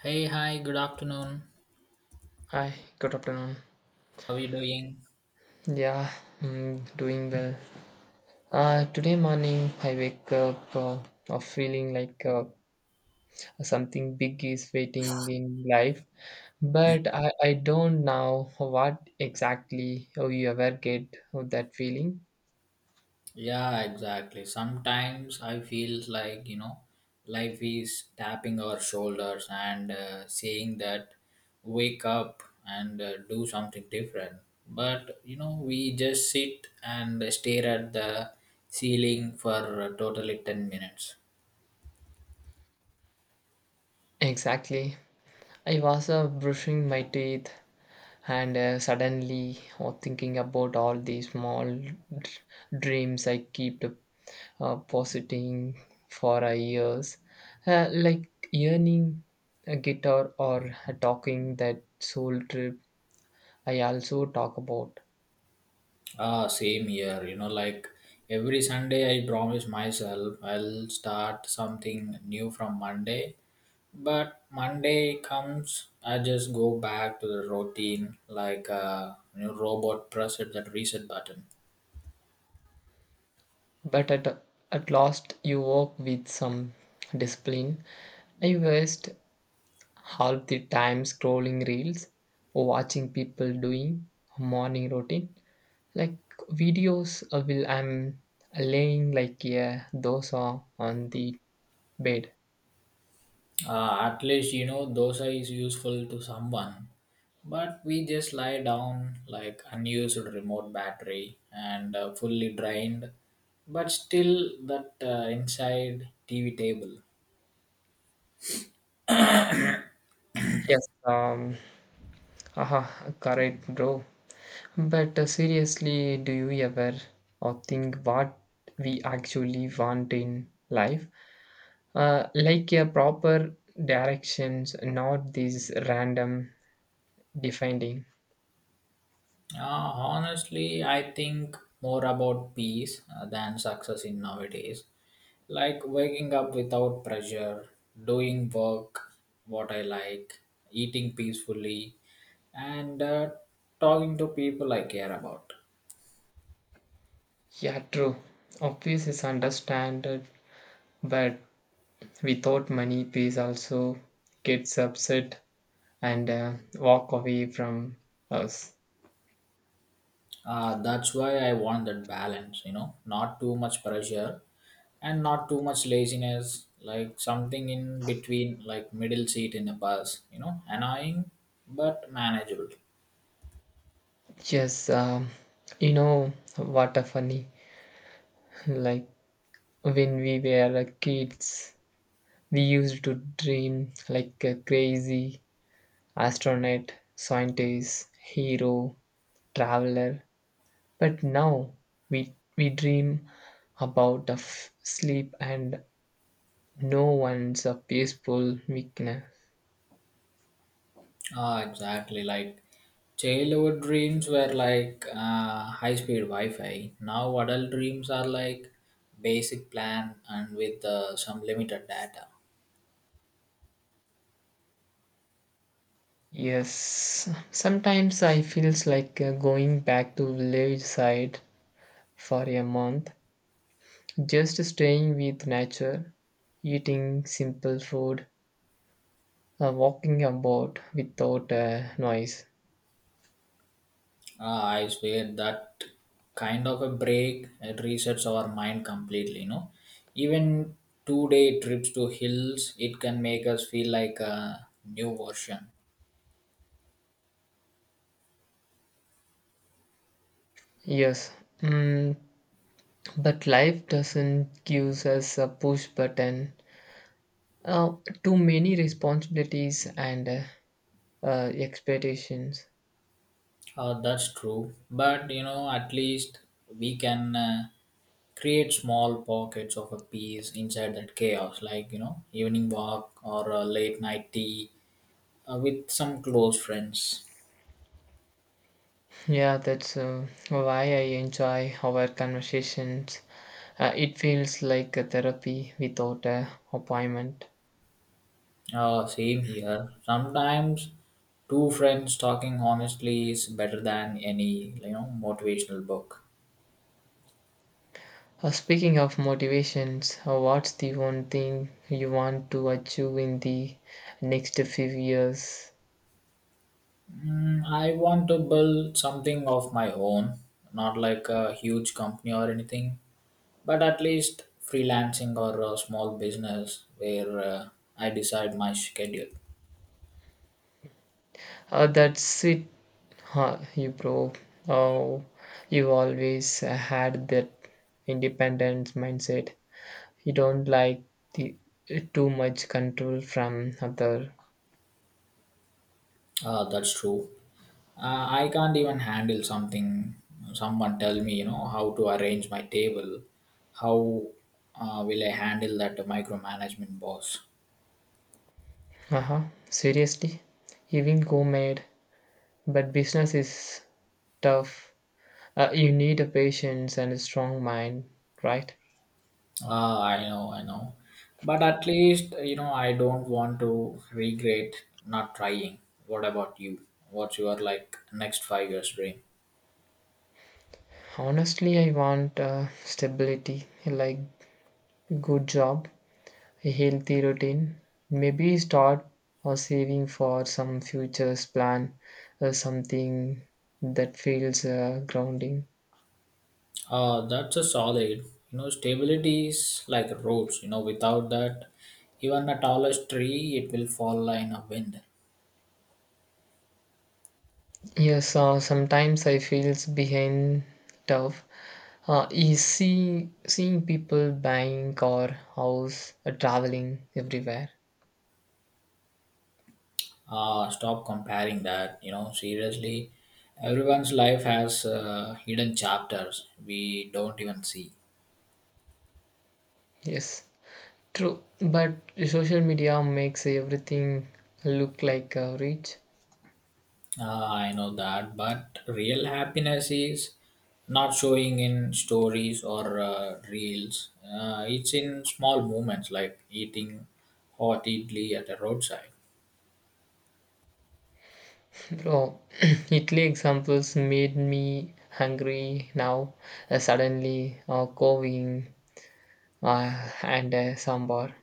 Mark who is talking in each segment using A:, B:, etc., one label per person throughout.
A: Hey, hi, good afternoon.
B: Hi, good afternoon.
A: How are you doing?
B: Yeah, doing well. Today morning I wake up feeling like something big is waiting in life, but I don't know what exactly oh, you ever get that feeling.
A: Yeah, exactly. Sometimes I feel like, you know, life is tapping our shoulders and saying that wake up and do something different. But, you know, we just sit and stare at the ceiling for totally 10 minutes.
B: Exactly. I was brushing my teeth and suddenly oh, thinking about all these small dreams I keep positing for our ears, like earning a guitar or a talking that soul trip I also talk about.
A: Ah, same here. You know, like every Sunday, I promise myself I'll start something new from Monday. But Monday comes, I just go back to the routine like a, you know, robot presses that reset button.
B: But at last, you work with some discipline. I waste half the time scrolling reels, watching people doing morning routine. Like videos will I'm laying like yeah, those are on the bed.
A: At least you know dosa is useful to someone, but we just lie down like unused remote battery and fully drained, but still that inside TV table.
B: Yes, haha, correct, bro. But seriously, do you ever or think what we actually want in life? Like a proper directions, not these random defining.
A: Honestly, I think more about peace than success in nowadays. Like waking up without pressure, doing work what I like, eating peacefully, and talking to people I care about.
B: Yeah, true. Obvious is understood, but without money, peace also gets upset and walk away from us.
A: That's why I want that balance, you know, not too much pressure and not too much laziness, like something in between, like middle seat in a bus, you know, annoying but manageable.
B: Yes, you know what a funny like when we were kids, we used to dream like a crazy astronaut, scientist, hero, traveler. But now we dream about of sleep and no one's a peaceful weakness.
A: Ah, exactly. Like childhood dreams were like high-speed Wi-Fi. Now adult dreams are like basic plan and with some limited data.
B: Yes, sometimes I feels like going back to village side for a month, just staying with nature, eating simple food, walking about without noise.
A: Ah, I swear that kind of a break it resets our mind completely. You know, even two-day trips to hills, it can make us feel like a new version.
B: Yes, mm, but life doesn't give us a push button. Uh, Too many responsibilities and expectations.
A: That's true. But you know, at least we can create small pockets of a peace inside that chaos, like, you know, evening walk or a late night tea with some close friends.
B: Yeah, that's why I enjoy our conversations. It feels like a therapy without an appointment.
A: Same here. Sometimes two friends talking honestly is better than any, you know, motivational book.
B: Speaking of motivations, what's the one thing you want to achieve in the next few years?
A: I want to build something of my own, not like a huge company or anything, but at least freelancing or a small business where I decide my schedule.
B: That's it, huh, you bro. Oh, you always had that independent mindset. You don't like the too much control from other.
A: That's true. I can't even handle something. Someone tell me, you know, how to arrange my table. How will I handle that micromanagement boss?
B: Uh huh. Seriously, even co-made, but business is tough. You need a patience and a strong mind, right?
A: Ah, I know, I know. But at least, you know, I don't want to regret not trying. What about you? What's your like next 5 years dream?
B: Honestly, I want stability, like good job, a healthy routine. Maybe start or saving for some futures plan or something that feels grounding.
A: Ah, that's a solid. You know, stability is like roots. You know, without that, even the tallest tree, it will fall in a wind.
B: Yes, sometimes I feels behind tough. Seeing people buying car, house, traveling everywhere.
A: Ah, stop comparing that. You know, seriously, everyone's life has hidden chapters we don't even see.
B: Yes, true. But social media makes everything look like rich.
A: Ah, I know that, but real happiness is not showing in stories or reels. It's in small moments like eating hot idli at a roadside.
B: Bro, Italy examples made me hungry now. Suddenly, coving and sambar.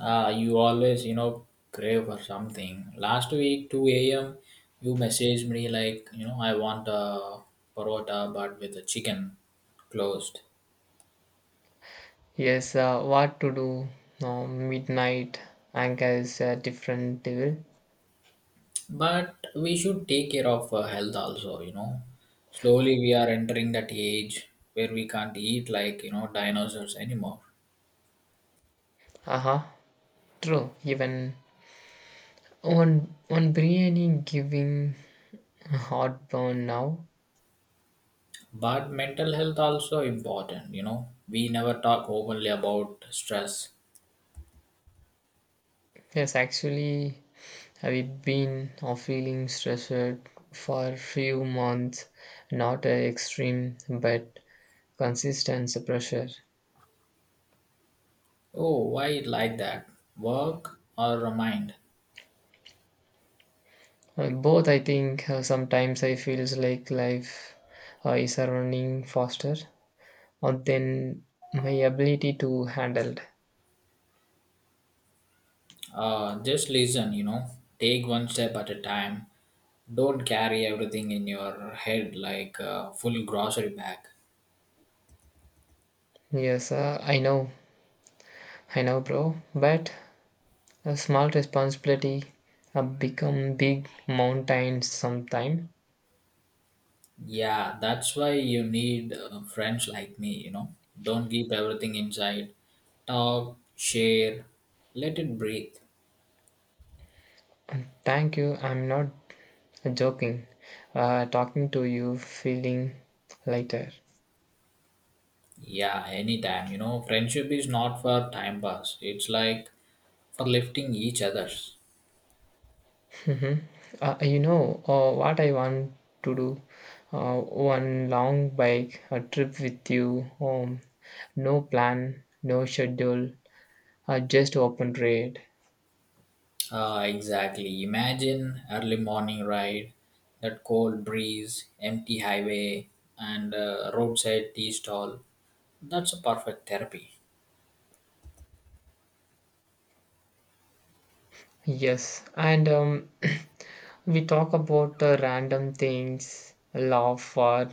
A: You always, you know, crave for something. Last week, 2 a.m., you messaged me like, you know, I want a parota but with the chicken closed.
B: Yes, what to do? Midnight anger is a different devil.
A: But we should take care of health also, you know, slowly we are entering that age where we can't eat like, you know, dinosaurs anymore.
B: Uh-huh. True. Even on biryani giving heartburn now.
A: But mental health also important, you know, we never talk openly about stress.
B: Yes, actually, I've been feeling stressed for few months. Not extreme, but consistency pressure.
A: Oh, why it like that? Work or mind?
B: Both, I think, sometimes I feels like life is running faster than my ability to handle.
A: Just listen, you know, take one step at a time. Don't carry everything in your head like a full grocery bag.
B: Yes, I know, bro. But a small responsibility become big mountains sometime.
A: Yeah, that's why you need friends like me, you know. Don't keep everything inside. Talk, share, let it breathe.
B: And thank you. I'm not joking. Talking to you, feeling lighter.
A: Yeah, anytime, you know. Friendship is not for time pass, it's like for lifting each other's.
B: Hmm. You know what I want to do? Uh, One long bike a trip with you. Um, no plan, no schedule, just open trade.
A: Ah, exactly. Imagine early morning ride, that cold breeze, empty highway, and roadside tea stall. That's a perfect therapy.
B: Yes, and we talk about random things, laugh for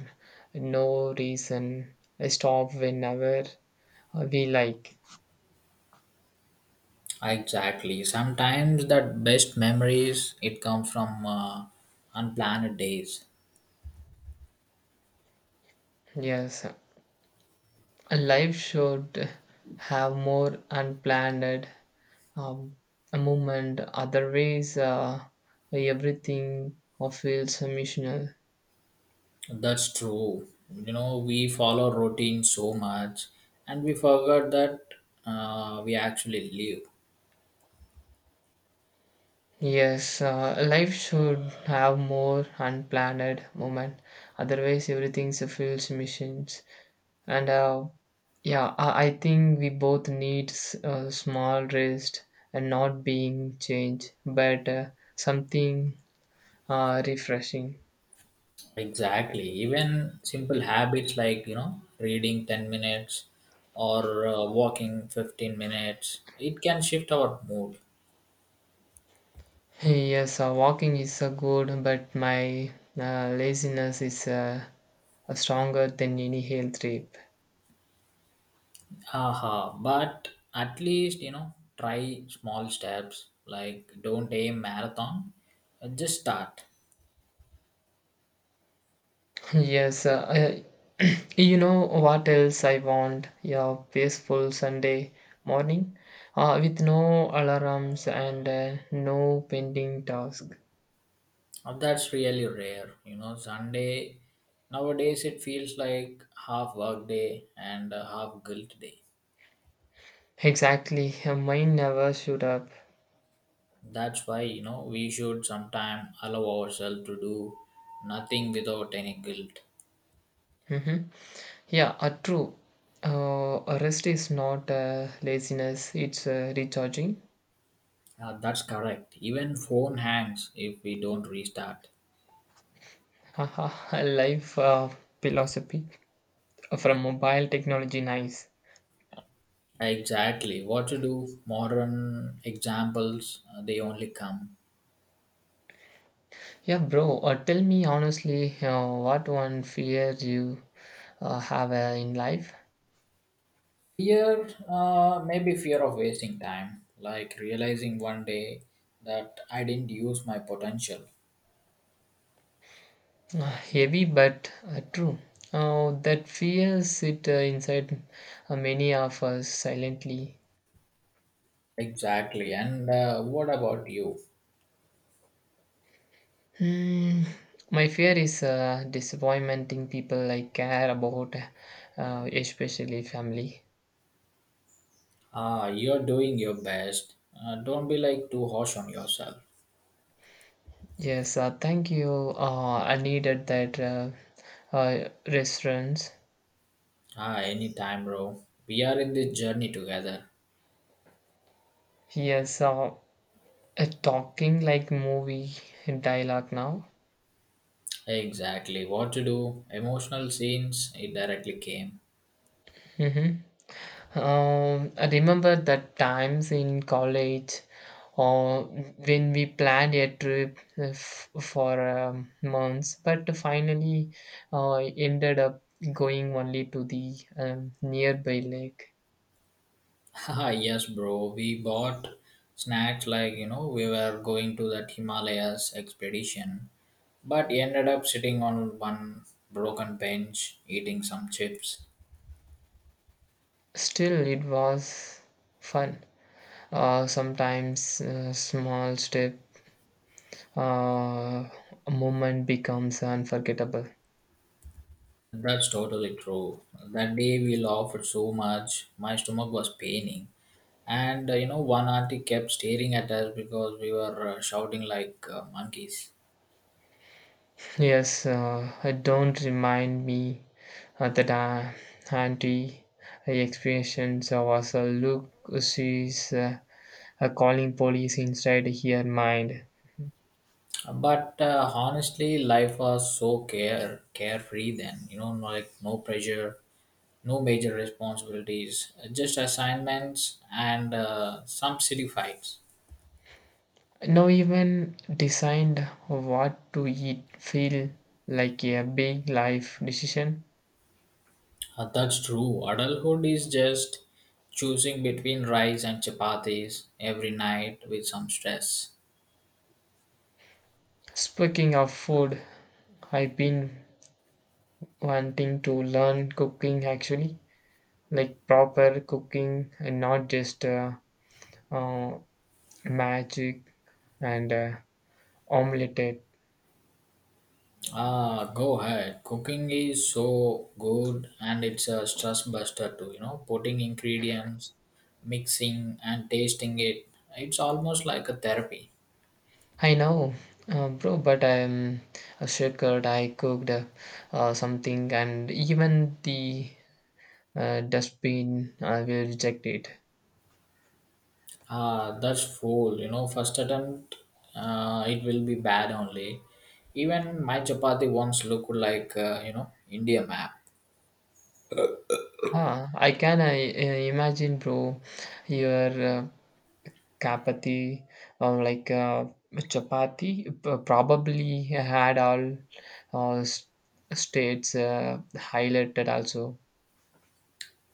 B: no reason, stop whenever we like.
A: Exactly. Sometimes that best memories it come from unplanned days.
B: Yes, a life should have more unplanned um, a movement. Otherwise, everything feels missional.
A: That's true. You know, we follow routine so much, and we forgot that we actually live.
B: Yes, life should have more unplanned moment. Otherwise, everything so feels missions. And yeah, I think we both need a small rest and not being changed, but something refreshing.
A: Exactly. Even simple habits like, you know, reading 10 minutes or walking 15 minutes, it can shift our mood.
B: Yes, walking is good, but my laziness is. Stronger than any health trip.
A: Haha, but at least, you know, try small steps. Like don't aim marathon, just start.
B: Yes, you know what else I want? Yeah, peaceful Sunday morning with no alarms and no pending task.
A: That's really rare. You know, Sunday nowadays it feels like half work day and half guilt day.
B: Exactly, mine never showed up.
A: That's why, you know, we should sometime allow ourselves to do nothing without any guilt.
B: Mm-hmm. Yeah, true. Rest is not laziness, it's recharging.
A: That's correct. Even phone hangs if we don't restart.
B: Haha, life philosophy from mobile technology, nice.
A: Exactly. What to do? Modern examples, they only come.
B: Yeah, bro, tell me honestly, what one fear you have in life?
A: Fear, maybe fear of wasting time, like realizing one day that I didn't use my potential.
B: Heavy but true. That fear sit inside many of us silently.
A: Exactly. And what about you?
B: Hmm, my fear is disappointing people I care about, especially family.
A: You're doing your best. Don't be like too harsh on yourself.
B: Yes, thank you. I needed that reference.
A: Ah, anytime, bro. We are in this journey together.
B: Yes, talking like movie dialogue now.
A: Exactly. What to do? Emotional scenes, it directly came.
B: Hmm. I remember the times in college or when we planned a trip for months, but finally uh, ended up going only to the nearby lake.
A: Haha, yes, bro. We bought snacks like, you know, we were going to that Himalayas expedition, but ended up sitting on one broken bench eating some chips.
B: Still, it was fun. Sometimes small step uh, a moment becomes unforgettable.
A: That's totally true. That day we laughed so much, my stomach was paining, and you know one auntie kept staring at us because we were shouting like monkeys.
B: Yes, don't remind me that auntie experience was a look. She's calling police inside her mind.
A: But honestly, life was so carefree then. You know, no, like no pressure, no major responsibilities, just assignments and some silly fights.
B: No, even designed what to eat feel like a big life decision.
A: That's true. Adulthood is just choosing between rice and chapatis every night with some stress.
B: Speaking of food, I've been wanting to learn cooking actually, like proper cooking and not just uh, magic and omelette.
A: Ah, go ahead. Cooking is so good and it's a stress buster too, you know, putting ingredients, mixing and tasting it. It's almost like a therapy.
B: I know, bro, but I'm a shortcut. I cooked something, and even the dustbin will reject it.
A: Ah, that's full, you know, first attempt it will be bad only. Even my chapati once looked like, you know, India map.
B: Ah, I can imagine, bro, your chapati or like chapati probably had all uh, s- states highlighted also.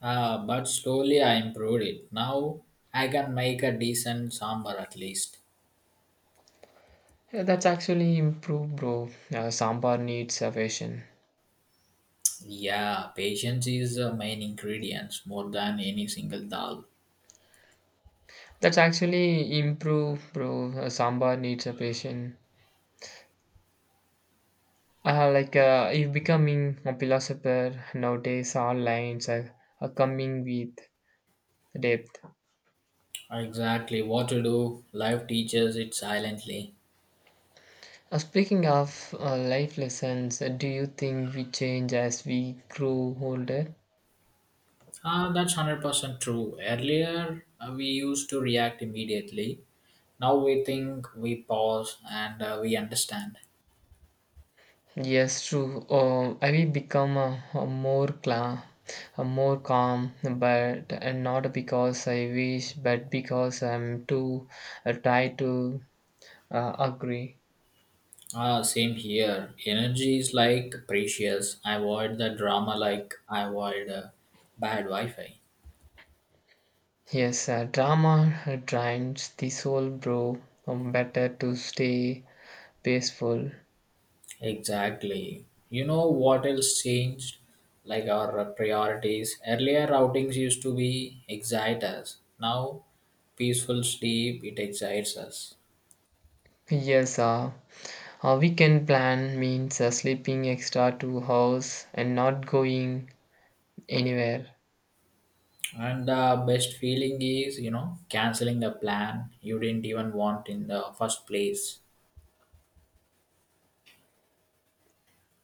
A: Ah, but slowly I improved it. Now I can make a decent sambar at least.
B: Yeah, that's actually improved, bro. Sambar needs a patient.
A: Yeah, patience is the main ingredient more than any single dal.
B: That's actually improved, bro. Sambar needs a patient. Like if becoming a philosopher nowadays, all lines are coming with depth.
A: Exactly, what to do. Life teaches it silently.
B: Speaking of life lessons, do you think we change as we grow older?
A: Ah, that's 100% true. Earlier, we used to react immediately. Now we think, we pause, and we understand.
B: Yes, true. I will become a more calm, a more calm, but and not because I wish, but because I'm too tired to agree.
A: Ah, same here. Energy is like precious. I avoid the drama like I avoid bad Wi Fi.
B: Yes, drama drains the soul, bro. Better to stay peaceful.
A: Exactly. You know what else changed? Like our priorities. Earlier outings used to be excite us. Now, peaceful sleep, it excites us.
B: Yes, a weekend plan means sleeping extra 2 hours and not going anywhere.
A: And the best feeling is, you know, canceling the plan you didn't even want in the first place.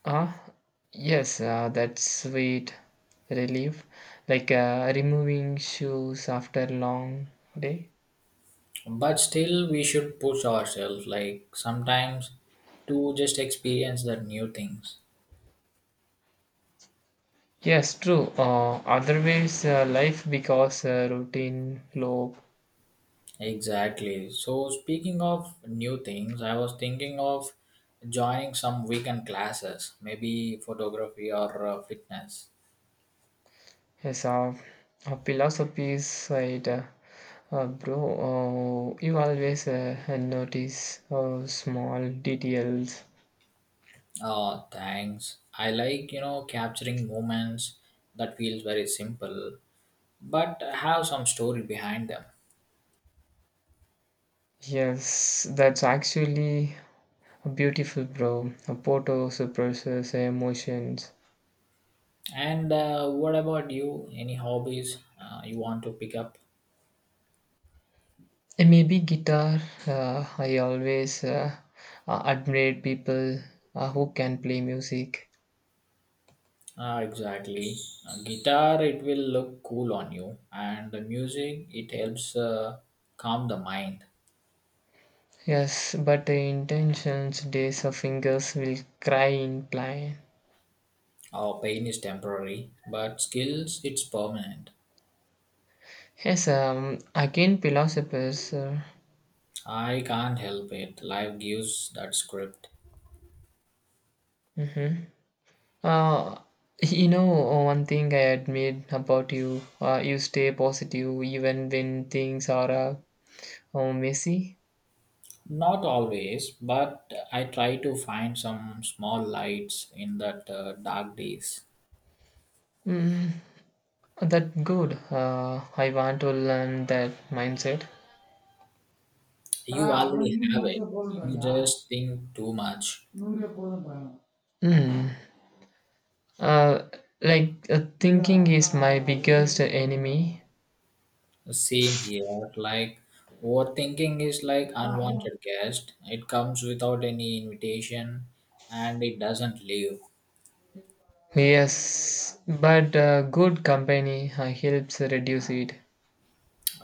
B: Ah, yes, that sweet relief, like removing shoes after long day.
A: But still, we should push ourselves, like sometimes to just experience the new things.
B: Yes, true. Otherwise, life because routine low
A: Exactly. So, speaking of new things, I was thinking of joining some weekend classes, maybe photography or fitness.
B: is a philosophy side. Bro, you always notice small details.
A: Oh, thanks. I like, you know, capturing moments that feels very simple, but have some story behind them.
B: Yes, that's actually beautiful, bro. Photos suppresses emotions.
A: And what about you? Any hobbies you want to pick up?
B: Eh, maybe guitar. I always admired people who can play music.
A: Ah, exactly. Guitar, it will look cool on you, and the music, it helps calm the mind.
B: Yes, but the intentions, days of fingers will cry in plain.
A: Our pain is temporary, but skills it's permanent.
B: Yes, again philosophers.
A: I can't help it. Life gives that script.
B: Mhm. uh, you know, one thing I admire about you, you stay positive even when things are messy.
A: Not always, but I try to find some small lights in that dark days.
B: Mm, that good. I want to learn that mindset. தல,
A: You
B: அது மாதிரி
A: already
B: நீங்க
A: have it.
B: நோட்டீஸே
A: You
B: போதுன்றாங்களா?
A: just think too much.
B: நூறே போதுன்றாங்க. Hmm. Uh, like thinking is my biggest enemy.
A: Same here. Like overthinking is like unwanted guest. It comes without any invitation, and it doesn't leave.
B: Yes, but good company helps reduce it.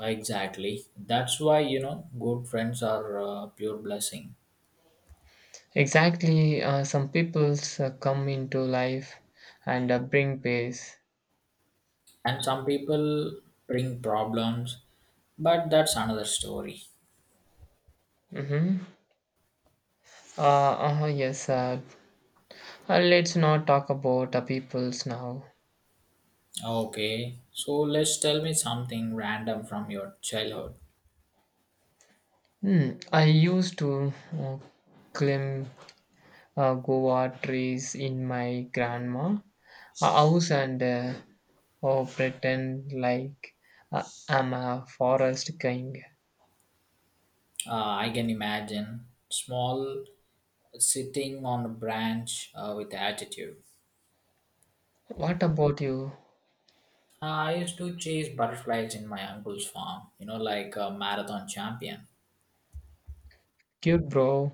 A: Exactly. That's why, you know, good friends are pure blessing.
B: Exactly, some people come into life and bring peace.
A: And some people bring problems, but that's another story.
B: Mm-hmm. Yes, let's not talk about peoples now.
A: Okay, so let's tell me something random from your childhood.
B: Hmm. I used to uh, claim guava trees in my grandma house and oh, pretend like uh, I'm a forest king.
A: I can imagine small sitting on a branch with attitude.
B: What about you?
A: I used to chase butterflies in my uncle's farm, you know, like a marathon champion.
B: Cute bro.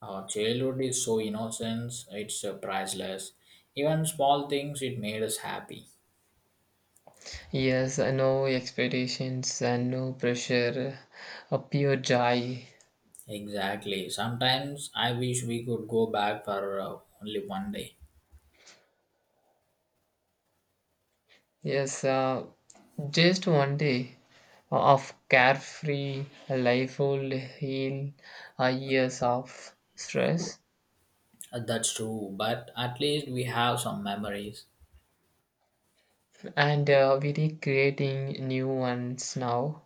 A: Our childhood is so innocent, it's priceless. Even small things, it made us happy.
B: Yes, no expectations and no pressure, a pure joy.
A: Exactly. Sometimes I wish we could go back for only one day.
B: Yes, just one day of carefree life will heal years of stress
A: That's true, but at least we have some memories.
B: and we're creating new ones now.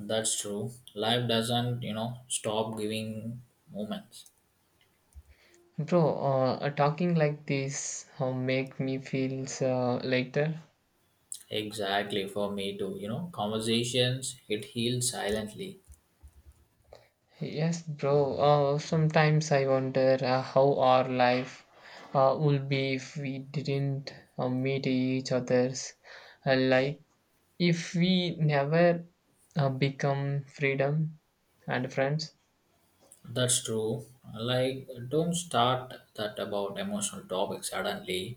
A: That's true. Life doesn't, you know, stop giving moments.
B: Bro, talking like this make me feel lighter.
A: Exactly, for me too. You know, conversations, it heals silently.
B: Yes, bro. Sometimes I wonder how our life would be if we didn't meet each other's. Like if we never become freedom and friends.
A: That's true. Like, don't start that about emotional topics suddenly.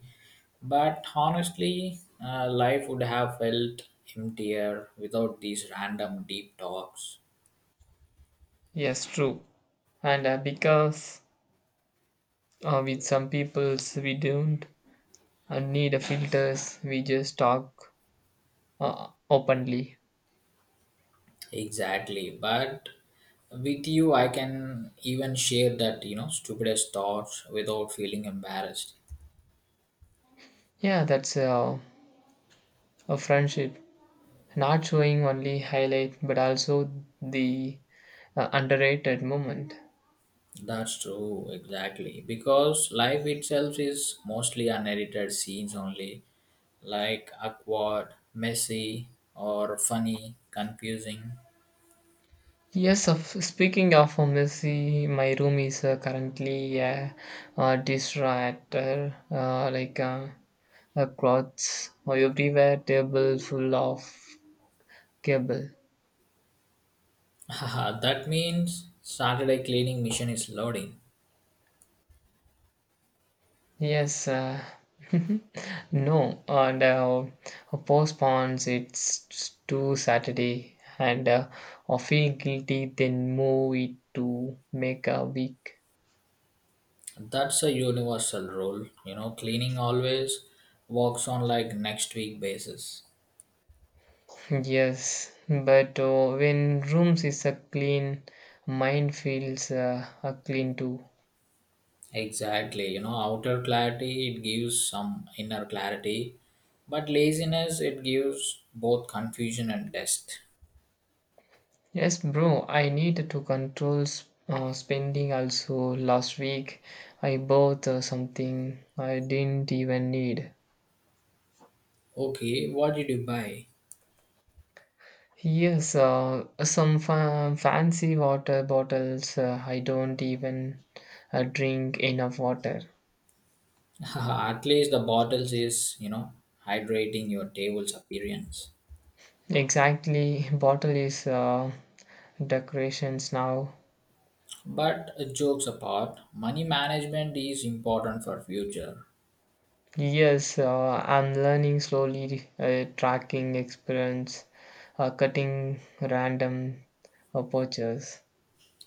A: But honestly, life would have felt emptier without these random deep talks.
B: Yes, true. And because with some peoples we don't need a filters. We just talk openly.
A: Exactly. But with you, I can even share that, you know, stupidest thoughts without feeling embarrassed.
B: Yeah, that's a friendship. Not showing only highlight, but also the underrated moment.
A: That's true, exactly. Because life itself is mostly unedited scenes only, like awkward, messy, or funny, confusing.
B: Yes, of speaking of a Messi, my room is currently a distractor, like a clothes everywhere, table full of cable.
A: That means Saturday cleaning mission is loading.
B: Yes, no, and postpones it to Saturday and or feel guilty, then move it to make a week.
A: That's a universal rule. You know, cleaning always works on like next week basis.
B: Yes, but when rooms is a clean, mind feels a clean too.
A: Exactly. You know, outer clarity it gives some inner clarity, but laziness it gives both confusion and test.
B: Yes, bro, I need to control spending also. Last week, I bought something I didn't even need.
A: Okay, what did you buy?
B: Yes, some fancy water bottles. I don't even drink enough water.
A: At least the bottle says, you know, hydrating your table's appearance.
B: Exactly, bottle is decorations now.
A: But jokes apart, money management is important for future.
B: Yes, I'm learning slowly, tracking experience, cutting random purchases.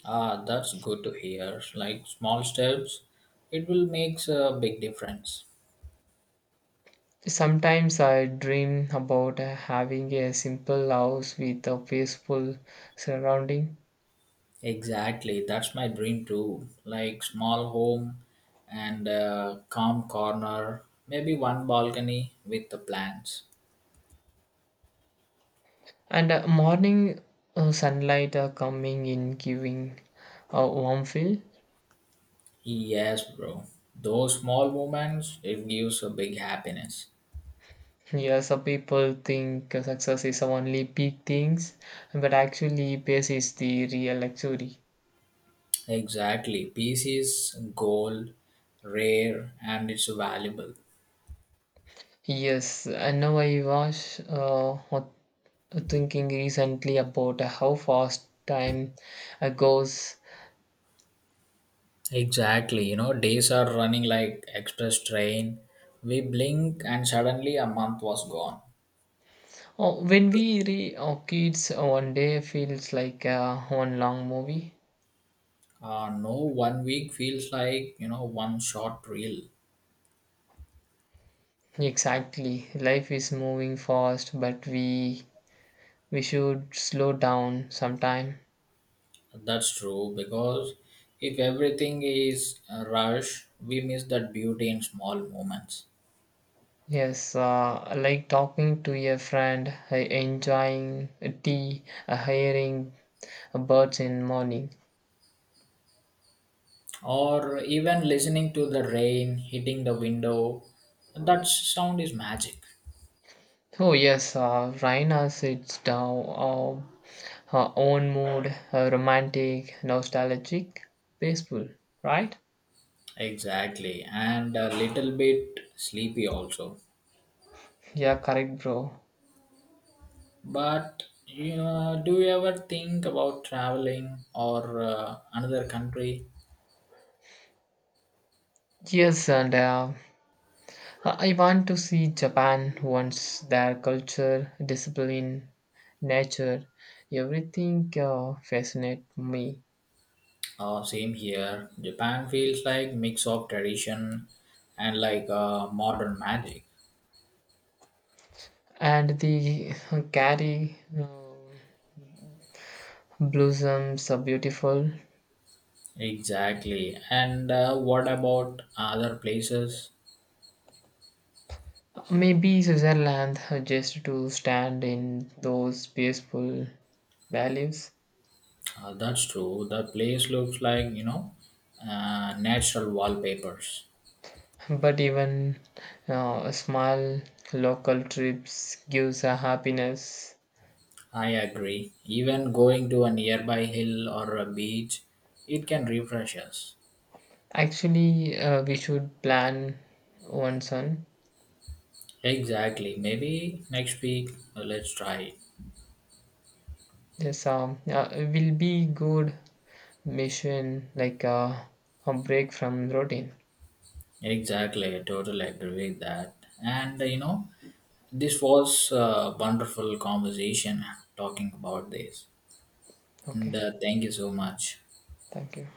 A: Ah, that's good to hear. Like small steps, it will makes a big difference.
B: Sometimes I dream about having a simple house with a peaceful surrounding.
A: Exactly, that's my dream too. Like small home and a calm corner, maybe one balcony with the plants.
B: And morning sunlight are coming in giving a warm feel.
A: Yes, bro. Those small moments, it gives a big happiness.
B: Yeah, some people think success is only big things, but actually peace is the real luxury.
A: Exactly. Peace is gold, rare, and it's valuable.
B: Yes, I know. I was thinking recently about how fast time goes.
A: Exactly. You know, days are running like express train. We blink and suddenly a month was gone.
B: Oh, when we re oh, kids one day feels like one long movie.
A: No, one week feels like, you know, one short reel.
B: Exactly, life is moving fast, but we should slow down sometime.
A: That's true because if everything is a rush, we miss that beauty in small moments.
B: Yes, like talking to a friend, enjoying tea, hearing birds in morning.
A: Or even listening to the rain hitting the window, that sound is magic.
B: Oh yes, Raina sits down, uh, her own mood, romantic, nostalgic, peaceful, right?
A: Exactly, and a little bit sleepy also.
B: Yeah, correct, bro.
A: But you know, do you ever think about traveling or another country?
B: Yes, and I want to see Japan once their culture, discipline, nature, everything fascinate me.
A: Same here, Japan feels like mix of tradition and like modern magic.
B: And the Gary blossoms are beautiful.
A: Exactly, and what about other places?
B: Maybe Switzerland just to stand in those peaceful valleys.
A: That's true. The place looks like, you know, natural wallpapers.
B: But even a small local trips gives a happiness.
A: I agree. Even going to a nearby hill or a beach, it can refresh us.
B: Actually, we should plan one son.
A: Exactly. Maybe next week, let's try it.
B: Yes, will be good mission like a break from routine.
A: Exactly. I totally agree with that. And, you know, this was a wonderful conversation talking about this. And
B: Okay,
A: thank you so much.
B: thank you.